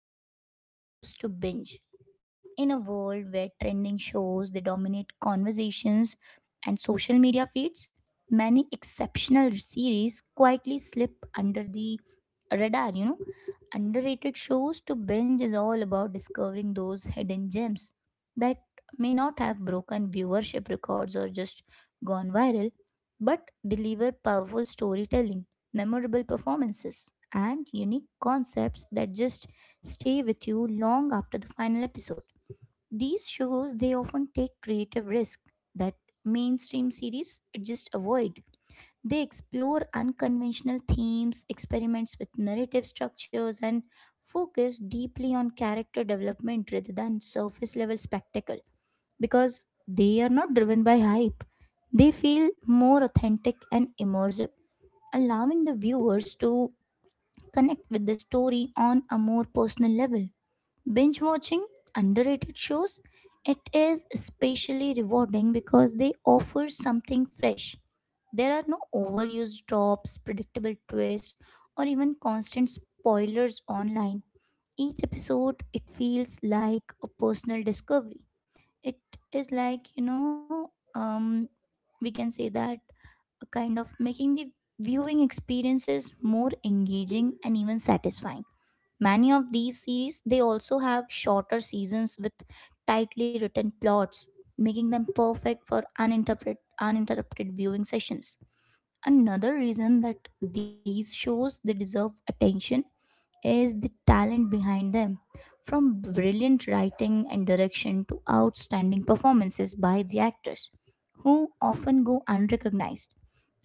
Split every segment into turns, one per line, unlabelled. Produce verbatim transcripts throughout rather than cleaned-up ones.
underrated shows to binge. In a world where trending shows they dominate conversations and social media feeds, many exceptional series quietly slip under the radar, you know. Underrated shows to binge is all about discovering those hidden gems that may not have broken viewership records or just gone viral but deliver powerful storytelling, memorable performances, and unique concepts that just stay with you long after the final episode. These shows they often take creative risk that mainstream series just avoid. They explore unconventional themes, experiments with narrative structures, and focus deeply on character development rather than surface level spectacle because they are not driven by hype. They feel more authentic and immersive, allowing the viewers to connect with the story on a more personal level. Binge watching underrated shows, it is especially rewarding because they offer something fresh. There are no overused tropes, predictable twists, or even constant spoilers online. Each episode, it feels like a personal discovery it is like you know um we can say that a kind of making the viewing experiences more engaging and even satisfying. Many of these series they also have shorter seasons with tightly written plots, making them perfect for uninterrupted uninterrupted viewing sessions. Another reason that these shows they deserve attention is the talent behind them. From brilliant writing and direction to outstanding performances by the actors, who often go unrecognized.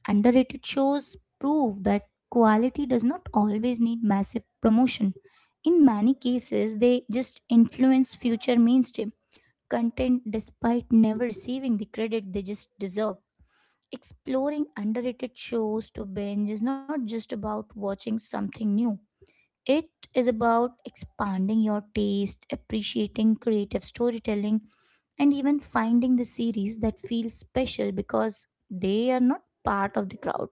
Underrated shows prove that quality does not always need massive promotion. In many cases, they just influence future mainstream content despite never receiving the credit they just deserve. Exploring underrated shows to binge is not just about watching something new. It is about expanding your taste, appreciating creative storytelling, and even finding the series that feel special because they are not part of the crowd.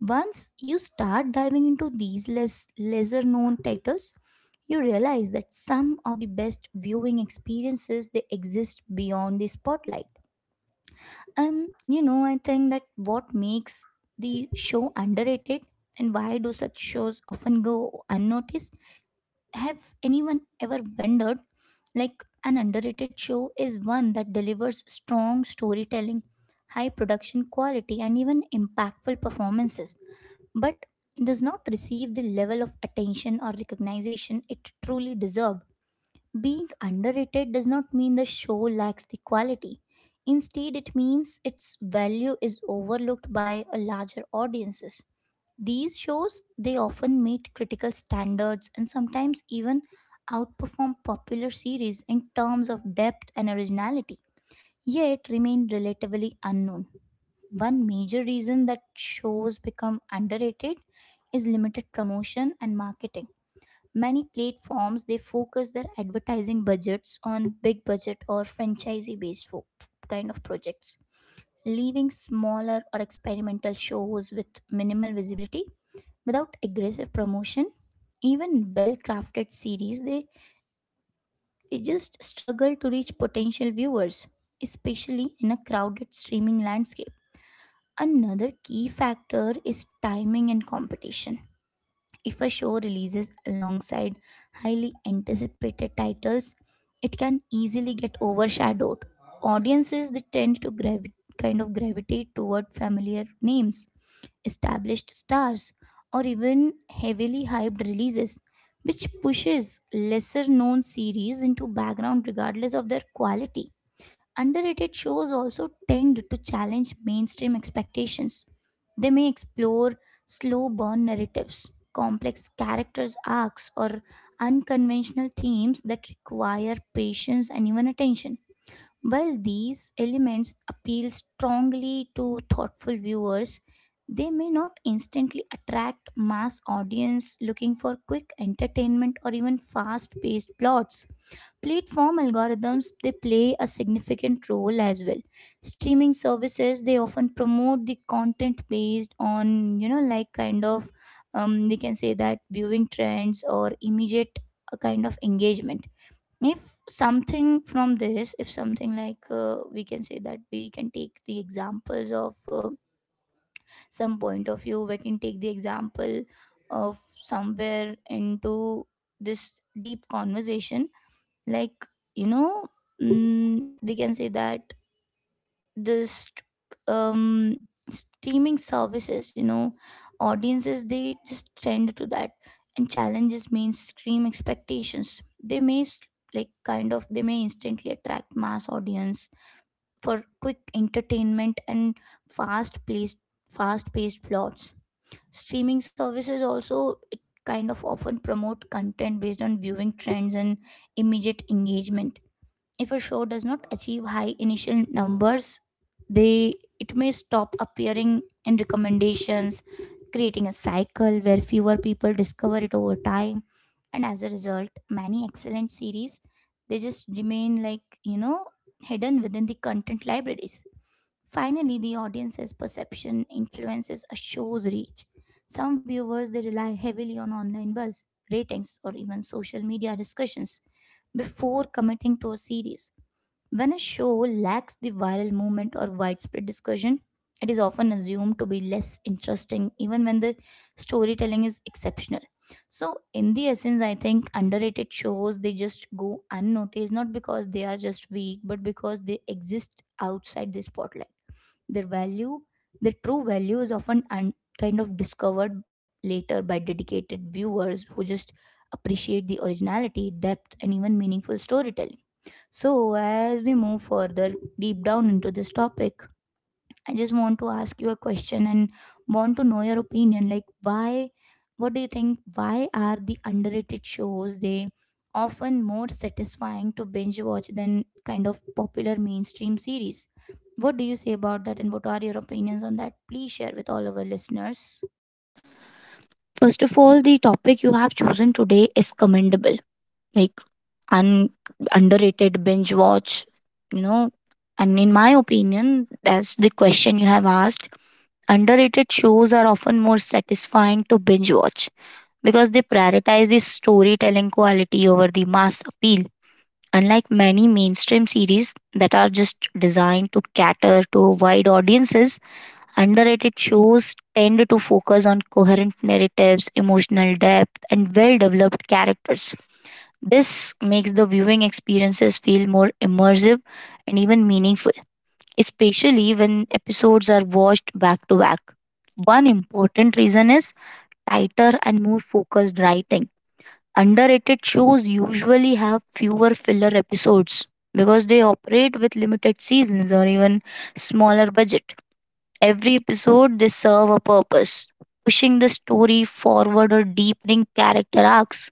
Once you start diving into these less lesser known titles, you realize that some of the best viewing experiences they exist beyond the spotlight. And you know, I think that what makes the show underrated and why do such shows often go unnoticed, have anyone ever wondered? Like, an underrated show is one that delivers strong storytelling, high production quality, and even impactful performances, but does not receive the level of attention or recognition it truly deserved. Being underrated does not mean the show lacks the quality. Instead, it means its value is overlooked by a larger audiences. These shows they often meet critical standards and sometimes even outperform popular series in terms of depth and originality, yet remain relatively unknown. One major reason that shows become underrated is limited promotion and marketing. Many platforms they focus their advertising budgets on big budget or franchisee based kind of projects, leaving smaller or experimental shows with minimal visibility. Without aggressive promotion, even well crafted series they, they just struggle to reach potential viewers, especially in a crowded streaming landscape. Another key factor is timing and competition. If a show releases alongside highly anticipated titles, it can easily get overshadowed. Audiences they tend to gravi- kind of gravitate toward familiar names, established stars, or even heavily hyped releases, which pushes lesser known series into background regardless of their quality. Underrated shows also tend to challenge mainstream expectations. They may explore slow burn narratives, complex characters' arcs, or unconventional themes that require patience and even attention. While these elements appeal strongly to thoughtful viewers, they may not instantly attract mass audience looking for quick entertainment or even fast-paced plots. Platform algorithms they play a significant role as well. Streaming services they often promote the content based on you know like kind of um, we can say that viewing trends or immediate uh, kind of engagement. If something from this, if something like uh, we can say that we can take the examples of uh, some point of view, we can take the example of somewhere into this deep conversation, like you know mm, we can say that this um streaming services you know audiences they just tend to that, and challenges mainstream expectations they may s- like kind of they may instantly attract mass audience for quick entertainment and fast paced fast paced plots. Streaming services also it kind of often promote content based on viewing trends and immediate engagement. If a show does not achieve high initial numbers, they it may stop appearing in recommendations, creating a cycle where fewer people discover it over time. And as a result, many excellent series they just remain like, you know, hidden within the content libraries. Finally, the audience's perception influences a show's reach. Some viewers they rely heavily on online buzz, ratings, or even social media discussions before committing to a series. When a show lacks the viral movement or widespread discussion, it is often assumed to be less interesting, even when the storytelling is exceptional. So, in the essence, I think underrated shows they just go unnoticed not because they are just weak, but because they exist outside the spotlight. Their value, their true value, is often un- kind of discovered later by dedicated viewers who just appreciate the originality, depth, and even meaningful storytelling. So, as we move further deep down into this topic, I just want to ask you a question and want to know your opinion. Like, why, what do you think? Why are the underrated shows they often more satisfying to binge watch than kind of popular mainstream series? What do you say about that, and what are your opinions on that? Please share with all of our listeners.
First of all, the topic you have chosen today is commendable, like un- underrated binge watch, you know. And in my opinion, that's the question you have asked. Underrated shows are often more satisfying to binge watch because they prioritize the storytelling quality over the mass appeal. Unlike many mainstream series that are just designed to cater to wide audiences, underrated shows tend to focus on coherent narratives, emotional depth, and well developed characters. This makes the viewing experiences feel more immersive and even meaningful, especially when episodes are watched back to back. One important reason is tighter and more focused writing. Underrated shows usually have fewer filler episodes because they operate with limited seasons or even smaller budget. Every episode, they serve a purpose, pushing the story forward or deepening character arcs.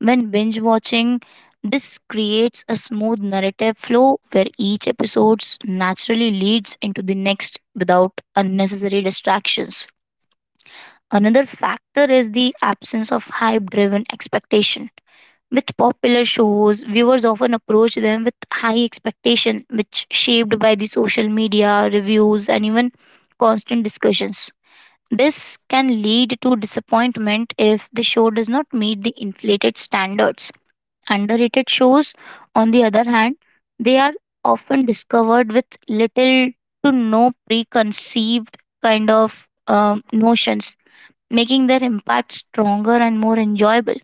When binge watching, this creates a smooth narrative flow where each episode naturally leads into the next without unnecessary distractions. Another factor is the absence of hype driven expectation. With popular shows, viewers often approach them with high expectation, which shaped by the social media, reviews, and even constant discussions, this can lead to disappointment if the show does not meet the inflated standards. Underrated shows, on the other hand, they are often discovered with little to no preconceived kind of um, notions, making their impact stronger and more enjoyable.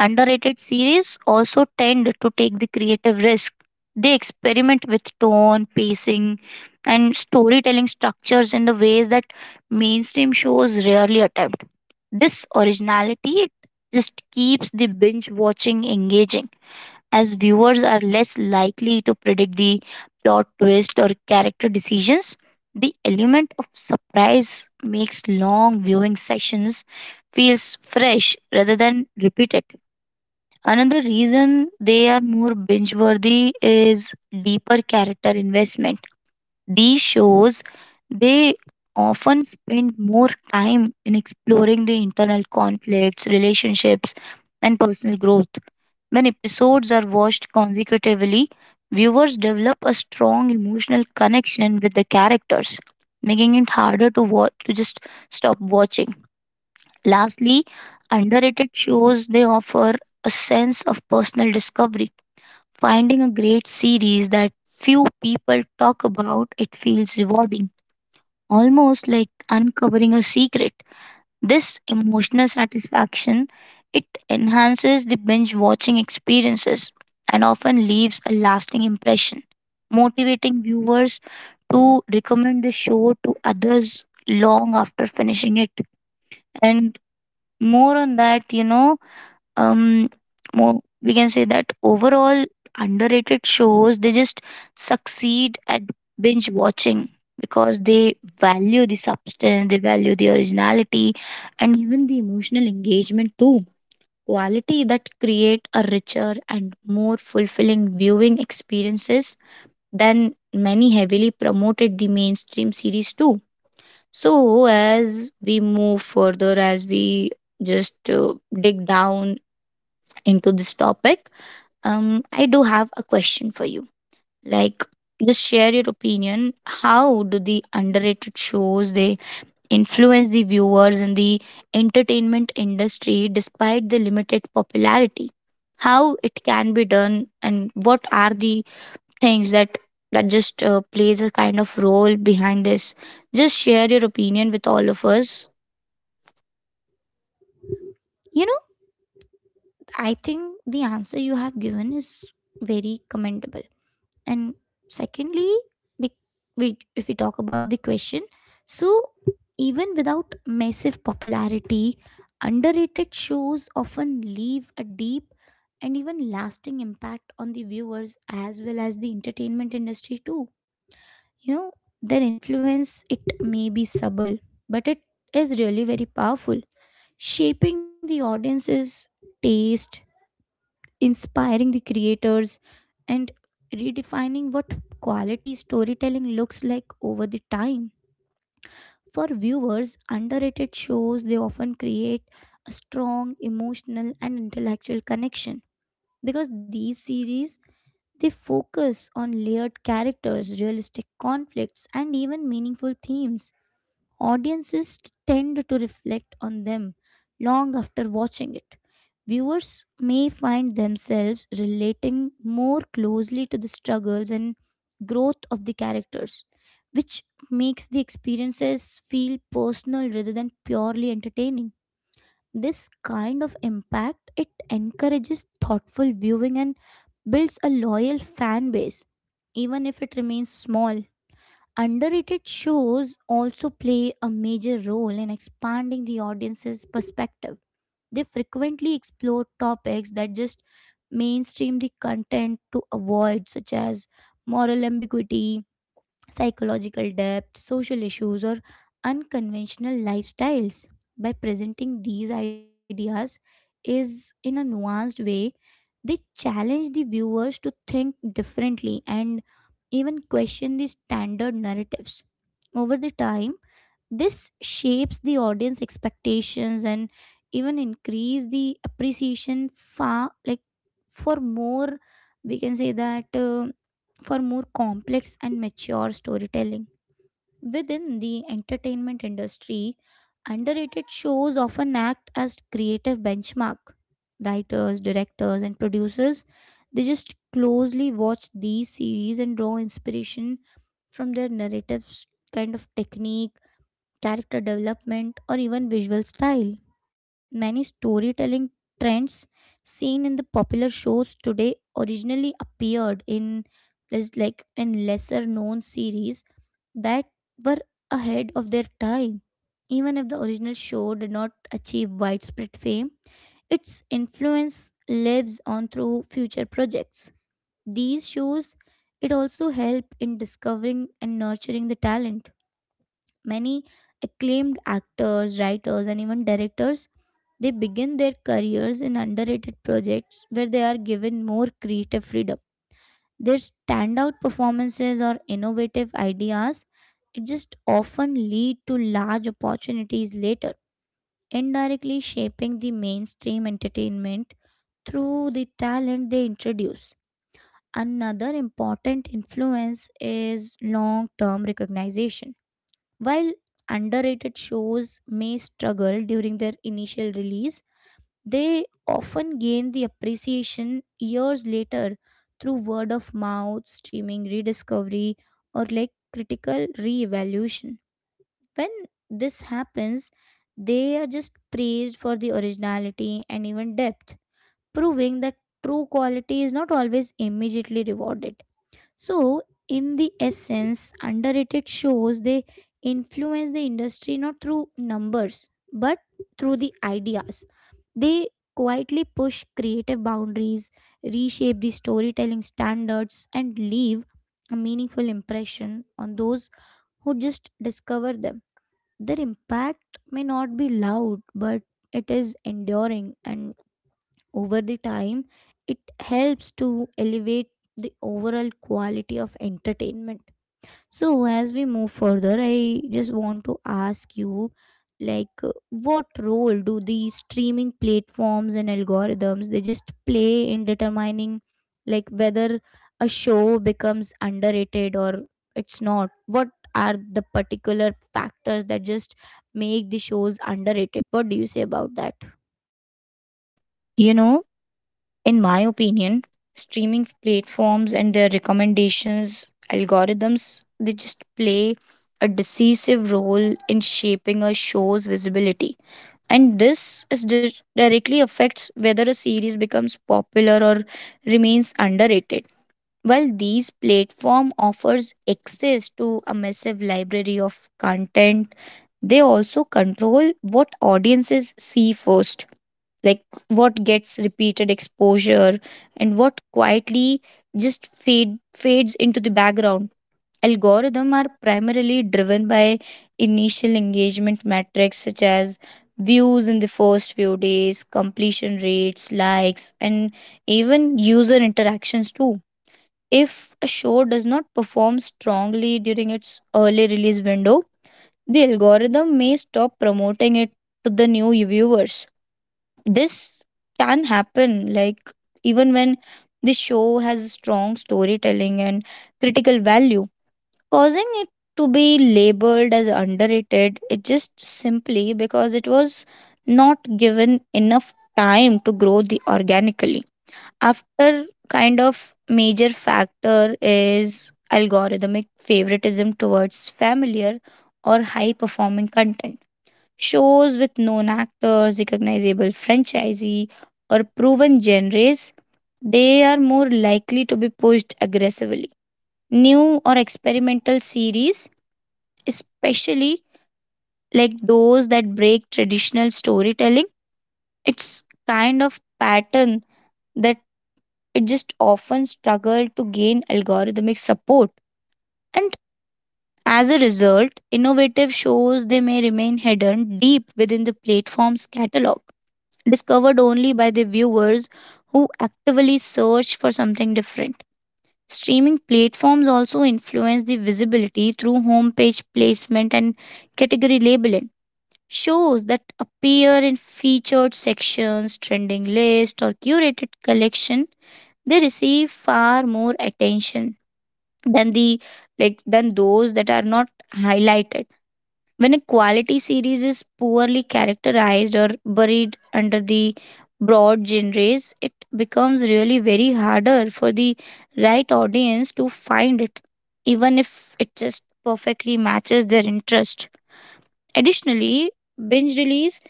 Underrated series also tend to take the creative risk. They experiment with tone, pacing, and storytelling structures in the ways that mainstream shows rarely attempt. This originality it just keeps the binge watching engaging, as viewers are less likely to predict the plot twist or character decisions. The element of surprise makes long viewing sessions feels fresh rather than repeated. Another reason they are more binge worthy is deeper character investment. These shows, they often spend more time in exploring the internal conflicts, relationships, and personal growth. When episodes are watched consecutively, viewers develop a strong emotional connection with the characters, making it harder to watch to just stop watching. Lastly, underrated shows they offer a sense of personal discovery. Finding a great series that few people talk about, it feels rewarding, almost like uncovering a secret. This emotional satisfaction, it enhances the binge watching experiences and often leaves a lasting impression, motivating viewers to recommend the show to others long after finishing it. And more on that, you know, um more we can say that overall underrated shows they just succeed at binge watching because they value the substance, they value the originality and even the emotional engagement too, quality that create a richer and more fulfilling viewing experiences than many heavily promoted the mainstream series too. So as we move further, as we just uh, dig down into this topic, um, I do have a question for you. Like, just share your opinion. How do the underrated shows they influence the viewers in the entertainment industry despite the limited popularity? How it can be done, and what are the things that that just uh, plays a kind of role behind this? Just share your opinion with all of us.
You know, I think the answer you have given is very commendable. And secondly, the, we, if we talk about the question, so even without massive popularity, underrated shows often leave a deep and even lasting impact on the viewers as well as the entertainment industry too. You know, their influence it may be subtle, but it is really very powerful, shaping the audience's taste, inspiring the creators, and redefining what quality storytelling looks like over the time. For viewers, underrated shows they often create a strong emotional and intellectual connection because these series they focus on layered characters, realistic conflicts and even meaningful themes. Audiences tend to reflect on them long after watching it. Viewers may find themselves relating more closely to the struggles and growth of the characters, which makes the experiences feel personal rather than purely entertaining. This kind of impact it encourages thoughtful viewing and builds a loyal fan base even if it remains small. Underrated shows also play a major role in expanding the audience's perspective. They frequently explore topics that just mainstream the content to avoid, such as moral ambiguity, psychological depth, social issues, or unconventional lifestyles. By presenting these ideas is in a nuanced way, they challenge the viewers to think differently and even question the standard narratives. Over the time, this shapes the audience expectations and even increase the appreciation far like for more, we can say that uh, for more complex and mature storytelling within the entertainment industry. Underrated shows often act as creative benchmark. Writers, directors and producers, they just closely watch these series and draw inspiration from their narratives, kind of techniques, character development, or even visual style. Many storytelling trends seen in the popular shows today originally appeared in les- like in lesser known series that were ahead of their time. Even if the original show did not achieve widespread fame, its influence lives on through future projects. These shows it also help in discovering and nurturing the talent. Many acclaimed actors, writers, and even directors they begin their careers in underrated projects where they are given more creative freedom. Their standout performances or innovative ideas it just often lead to large opportunities later, indirectly shaping the mainstream entertainment through the talent they introduce. Another important influence is long term recognition. While underrated shows may struggle during their initial release, they often gain the appreciation years later through word of mouth, streaming rediscovery, or like critical re-evaluation. When this happens, they are just praised for the originality and even depth, proving that true quality is not always immediately rewarded. So, in the essence, underrated shows they influence the industry not through numbers but through the ideas. They quietly push creative boundaries, reshape the storytelling standards, and leave a meaningful impression on those who just discover them. Their impact may not be loud, but it is enduring and over the time it helps to elevate the overall quality of entertainment. So as we move further, I just want to ask you, like uh, what role do the streaming platforms and algorithms they just play in determining like whether a show becomes underrated or it's not? What are the particular factors that just make the shows underrated? What do you say about that?
You know, in my opinion, streaming platforms and their recommendations algorithms they just play a decisive role in shaping a show's visibility. And this is di- directly affects whether a series becomes popular or remains underrated. While these platform offers access to a massive library of content, they also control what audiences see first, like what gets repeated exposure and what quietly just fade fades into the background. Algorithms are primarily driven by initial engagement metrics such as views in the first few days, completion rates, likes, and even user interactions too. If a show does not perform strongly during its early release window, the algorithm may stop promoting it to the new viewers. This can happen like even when the show has strong storytelling and critical value, causing it to be labeled as underrated, it just simply because it was not given enough time to grow the organically. After kind of major factor is algorithmic favoritism towards familiar or high performing content. Shows with known actors, recognizable franchisee, or proven genres, they are more likely to be pushed aggressively. New or experimental series, especially like those that break traditional storytelling, it's kind of pattern that it just often struggle to gain algorithmic support. And as a result, innovative shows they may remain hidden deep within the platform's catalog, discovered only by the viewers who actively search for something different. Streaming platforms also influence the visibility through homepage placement and category labeling. Shows that appear in featured sections, trending list, or curated collection, they receive far more attention than the like than those that are not highlighted. When a quality series is poorly characterized or buried under the broad genres, it becomes really very harder for the right audience to find it, even if it just perfectly matches their interest. Additionally, binge release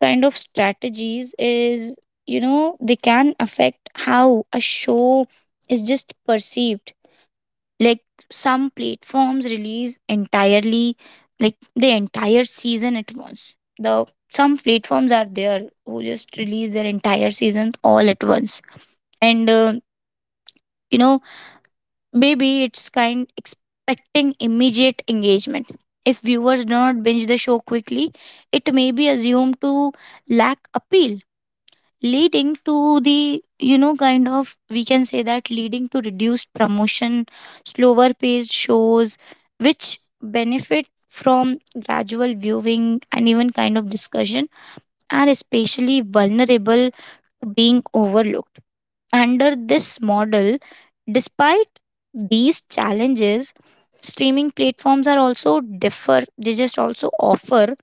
kind of strategies is, you know, they can affect how a show is just perceived, like some platforms release entirely like the entire season at once, the some platforms are there who just release their entire seasons all at once and uh, you know, maybe it's kind expecting immediate engagement. If viewers do not binge the show quickly, it may be assumed to lack appeal, leading to the, you know, kind of we can say that leading to reduced promotion. Slower paced shows which benefit from gradual viewing and even kind of discussion are especially vulnerable to being overlooked under this model. Despite these challenges, streaming platforms are also differ, they just also offer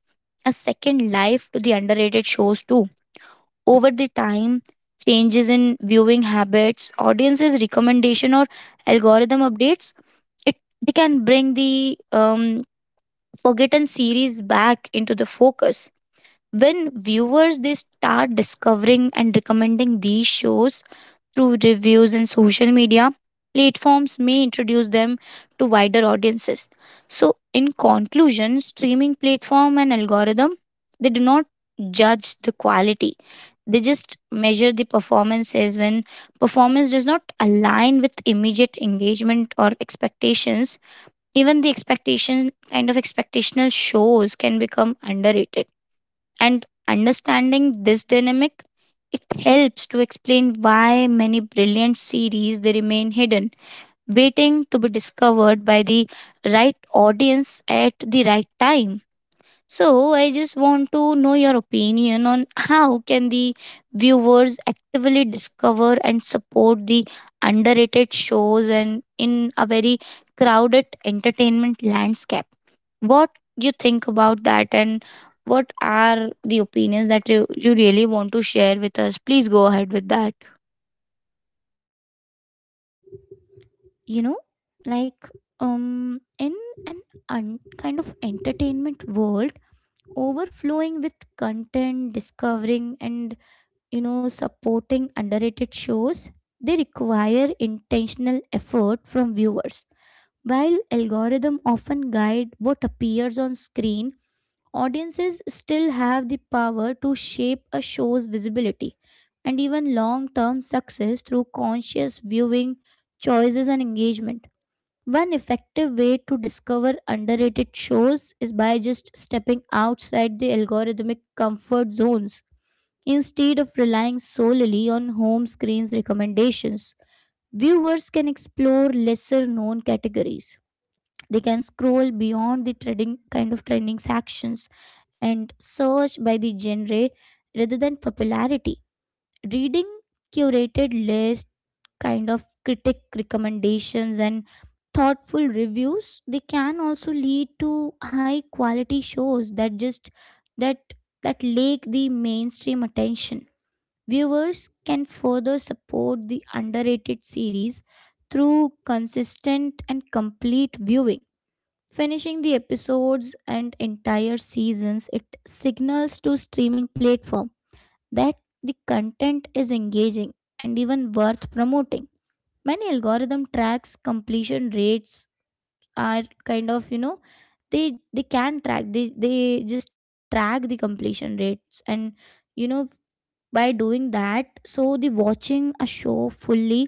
a second life to the underrated shows too. Over the time, changes in viewing habits, audiences recommendation or algorithm updates, it they can bring the um, forgotten series back into the focus. When viewers they start discovering and recommending these shows through reviews and social media, platforms may introduce them to wider audiences. So in conclusion, streaming platform and algorithm they do not judge the quality, they just measure the performances. When performance does not align with immediate engagement or expectations, even the expectation kind of expectational shows can become underrated. And understanding this dynamic, it helps to explain why many brilliant series they remain hidden, waiting to be discovered by the right audience at the right time. So I just want to know your opinion on how can the viewers actively discover and support the underrated shows and in a very crowded entertainment landscape. What you think about that and what are the opinions that you, you really want to share with us? Please go ahead with that.
you know like um in an un- Kind of entertainment world overflowing with content, discovering and you know supporting underrated shows, they require intentional effort from viewers. While algorithm often guide what appears on screen, audiences still have the power to shape a show's visibility and even long-term success through conscious viewing choices and engagement. One effective way to discover underrated shows is by just stepping outside the algorithmic comfort zones. Instead of relying solely on home screens recommendations, viewers can explore lesser known categories. They can scroll beyond the trending kind of trending sections and search by the genre rather than popularity. Reading curated list, kind of critic recommendations, and thoughtful reviews, they can also lead to high quality shows that just that that lake the mainstream attention. Viewers can further support the underrated series through consistent and complete viewing. Finishing the episodes and entire seasons, it signals to streaming platform that the content is engaging and even worth promoting. Many algorithm tracks completion rates are kind of you know they they can track they they just track the completion rates, and you know by doing that, so the watching a show fully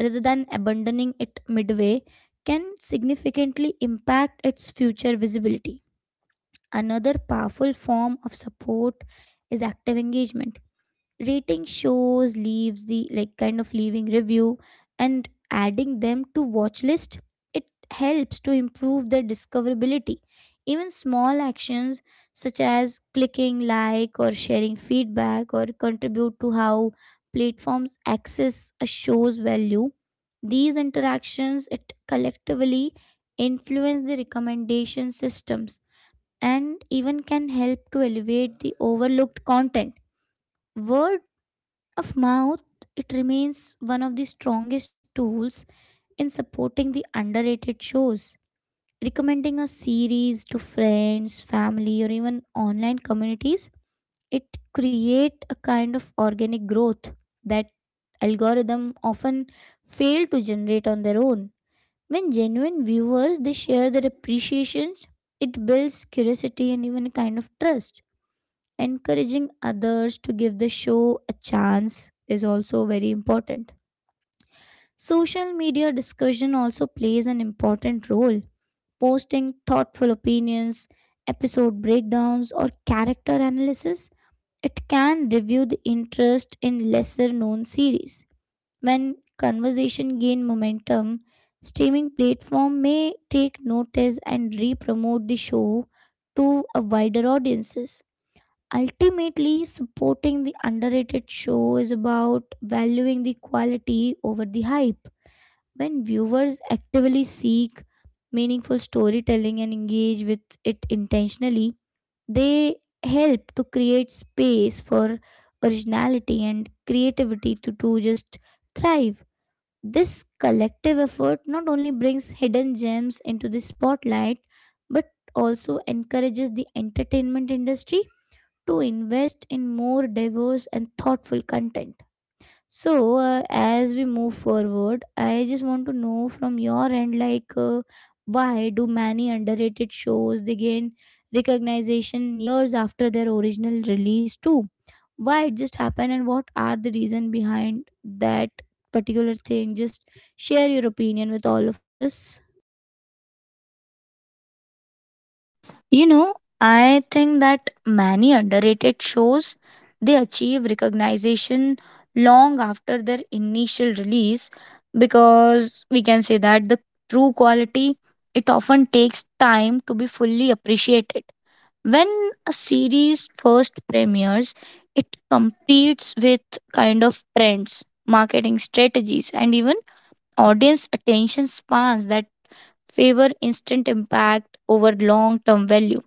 rather than abandoning it midway can significantly impact its future visibility. Another powerful form of support is active engagement. Rating shows, leaves the like kind of leaving review, and adding them to watch list, it helps to improve their discoverability. Even small actions such as clicking like or sharing feedback or contribute to how platforms access a show's value. These interactions, it collectively influence the recommendation systems and even can help to elevate the overlooked content. Word of mouth, it remains one of the strongest tools in supporting the underrated shows. Recommending a series to friends, family, or even online communities, it create a kind of organic growth that algorithm often fail to generate on their own. When genuine viewers they share their appreciations, it builds curiosity and even a kind of trust. Encouraging others to give the show a chance is also very important. Social media discussion also plays an important role. Posting thoughtful opinions, episode breakdowns, or character analysis, it can review the interest in lesser known series. When conversation gain momentum, streaming platform may take notice and re-promote the show to a wider audiences. Ultimately, supporting the underrated show is about valuing the quality over the hype. When viewers actively seek meaningful storytelling and engage with it intentionally, they help to create space for originality and creativity to, to just thrive. This collective effort not only brings hidden gems into the spotlight but also encourages the entertainment industry to invest in more diverse and thoughtful content. So, uh, as we move forward, I just want to know from your end, like, uh, why do many underrated shows they gain recognition years after their original release too? Why it just happened, and what are the reason behind that particular thing? Just share your opinion with all of us.
You know, I think that many underrated shows they achieve recognition long after their initial release because we can say that the true quality it often takes time to be fully appreciated. When a series first premieres, it competes with kind of trends, marketing strategies, and even audience attention spans that favor instant impact over long term value.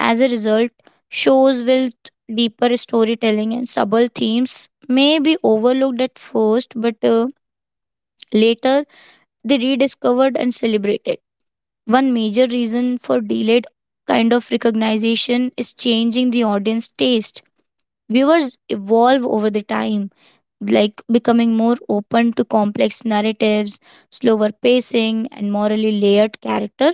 As a result, shows with deeper storytelling and subtle themes may be overlooked at first, but uh, later they rediscovered and celebrated. One major reason for delayed kind of recognition is changing the audience taste. Viewers evolve over the time, like becoming more open to complex narratives, slower pacing, and morally layered character.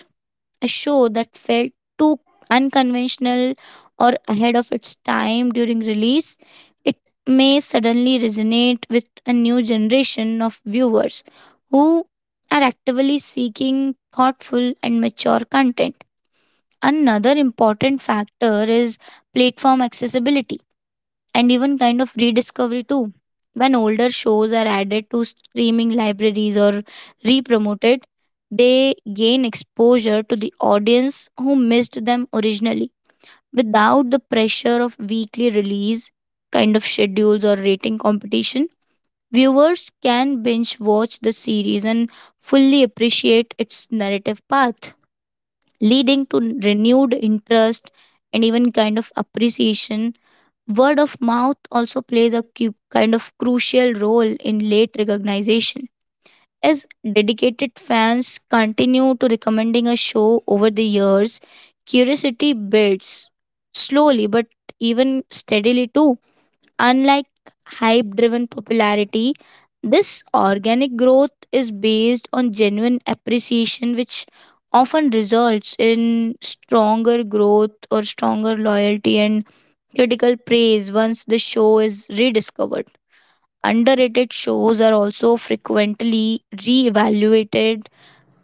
A show that felt too unconventional or ahead of its time during release, it may suddenly resonate with a new generation of viewers who are actively seeking thoughtful and mature content. Another important factor is platform accessibility and even kind of rediscovery too. When older shows are added to streaming libraries or re-promoted, they gain exposure to the audience who missed them originally without the pressure of weekly release kind of schedules or rating competition. Viewers can binge watch the series and fully appreciate its narrative path, leading to renewed interest and even kind of appreciation. Word of mouth also plays a cu- kind of crucial role in late recognition. As dedicated fans continue to recommending a show over the years, curiosity builds slowly but even steadily too. Unlike hype driven popularity, this organic growth is based on genuine appreciation, which often results in stronger growth or stronger loyalty and critical praise once the show is rediscovered. Underrated shows are also frequently re-evaluated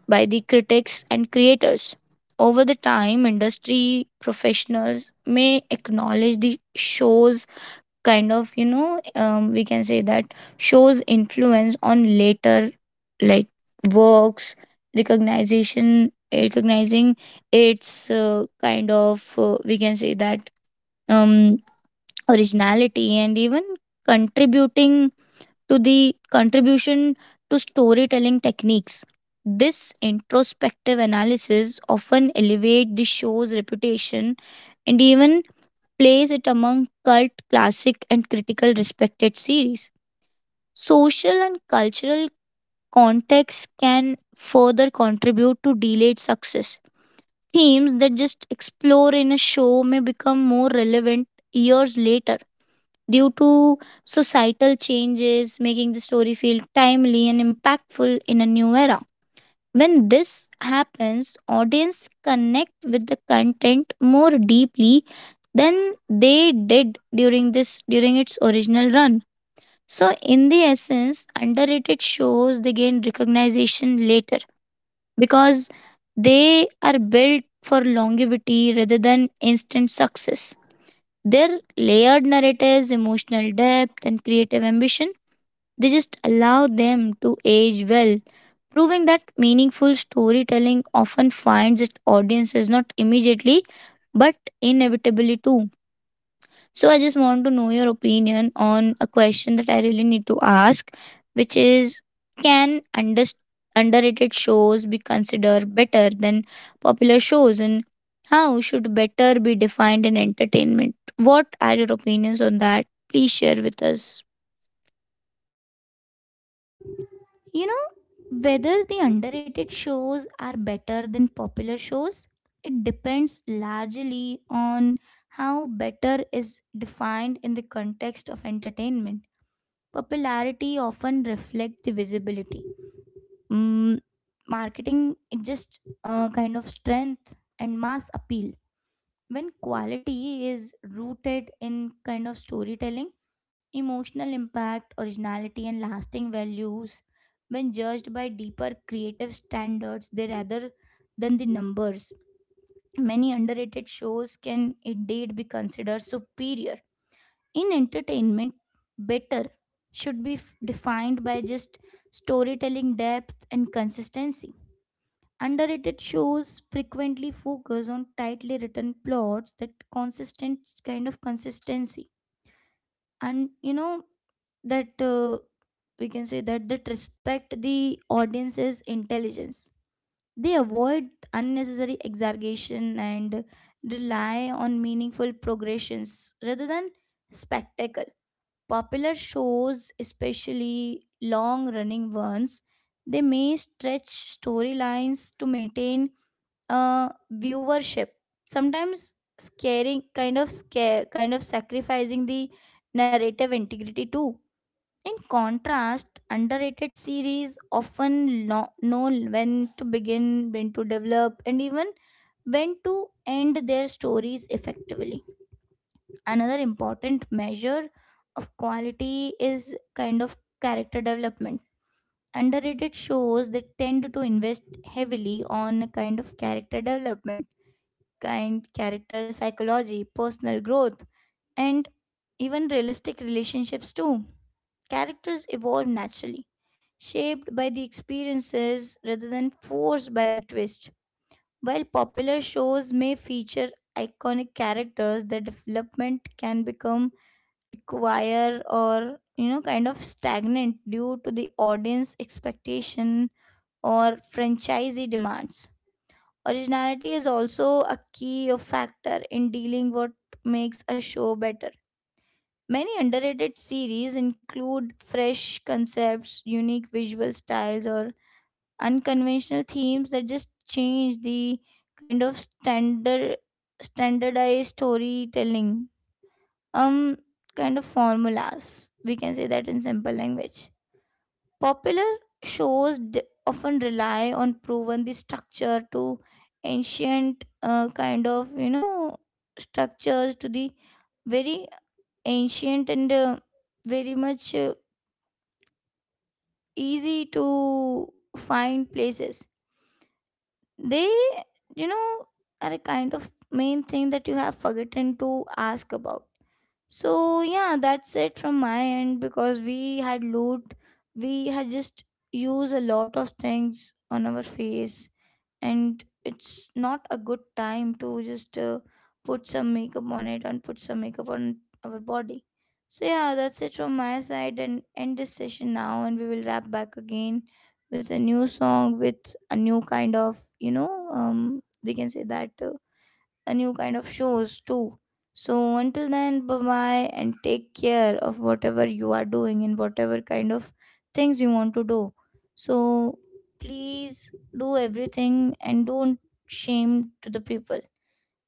by the critics and creators. Over the time, industry professionals may acknowledge the show's kind of, you know, um, we can say that show's influence on later like works, recognition, recognizing its uh, kind of, uh, we can say that um, originality and even contributing to the contribution to storytelling techniques. This introspective analysis often elevate the show's reputation and even place it among cult classic and critical respected series. Social and cultural context can further contribute to delayed success. Themes that just explore in a show may become more relevant years later due to societal changes, making the story feel timely and impactful in a new era. When this happens, audience connect with the content more deeply than they did during this during its original run. So in the essence, underrated shows they gain recognition later because they are built for longevity rather than instant success. Their layered narratives, emotional depth, and creative ambition, they just allow them to age well, proving that meaningful storytelling often finds its audiences not immediately but inevitably too. So I just want to know your opinion on a question that I really need to ask, which is can under, underrated shows be considered better than popular shows, and how should better be defined in entertainment? What are your opinions on that? Please share with us.
You know, whether the underrated shows are better than popular shows, it depends largely on how better is defined in the context of entertainment. Popularity often reflects the visibility. Mm, Marketing, it just uh, kind of strength and mass appeal. When quality is rooted in kind of storytelling, emotional impact, originality, and lasting values, when judged by deeper creative standards, they rather than the numbers. Many underrated shows can indeed be considered superior. In entertainment, better should be f- defined by just storytelling depth and consistency. Underrated shows frequently focus on tightly written plots that consistent kind of consistency, and you know that uh, we can say that that respect the audience's intelligence. They avoid unnecessary exaggeration and rely on meaningful progressions rather than spectacle. Popular shows, especially long running ones, they may stretch storylines to maintain uh, viewership, sometimes scaring kind of scare kind of sacrificing the narrative integrity too. In contrast, underrated series often lo- know when to begin, when to develop, and even when to end their stories effectively. Another important measure of quality is kind of character development. Underrated shows they tend to invest heavily on kind of character development kind character psychology, personal growth, and even realistic relationships too. Characters evolve naturally, shaped by the experiences rather than forced by the twist. While popular shows may feature iconic characters, their development can become require or you know kind of stagnant due to the audience expectation or franchisee demands. Originality is also a key of factor in dealing what makes a show better. Many underrated series include fresh concepts, unique visual styles, or unconventional themes that just change the kind of standard standardized storytelling um kind of formulas, we can say that in simple language. Popular shows d- often rely on proven the structure to ancient uh, kind of you know structures, to the very ancient and uh, very much uh, easy to find places. They you know are a kind of main thing that you have forgotten to ask about. So yeah, that's it from my end, because we had loot, we had just used a lot of things on our face, and it's not a good time to just uh, put some makeup on it and put some makeup on our body. So yeah, that's it from my side, and end this session now, and we will wrap back again with a new song, with a new kind of you know um we can say that uh, a new kind of shows too. So until then, bye bye, and take care of whatever you are doing and whatever kind of things you want to do. So please do everything and don't shame to the people.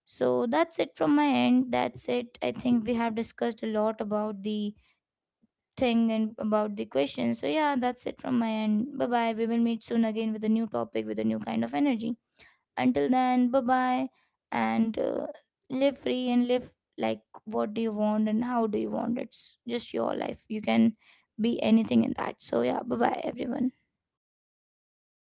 So that's it from my end. That's it, I think we have discussed a lot about the thing and about the question. So, yeah, that's it from my end. Bye bye. We will meet soon again with a new topic, with a new kind of energy. Until then, bye bye. And uh, Live free and live like what do you want and how do you want. It's just your life. You can be anything in that. So, yeah, bye bye, everyone.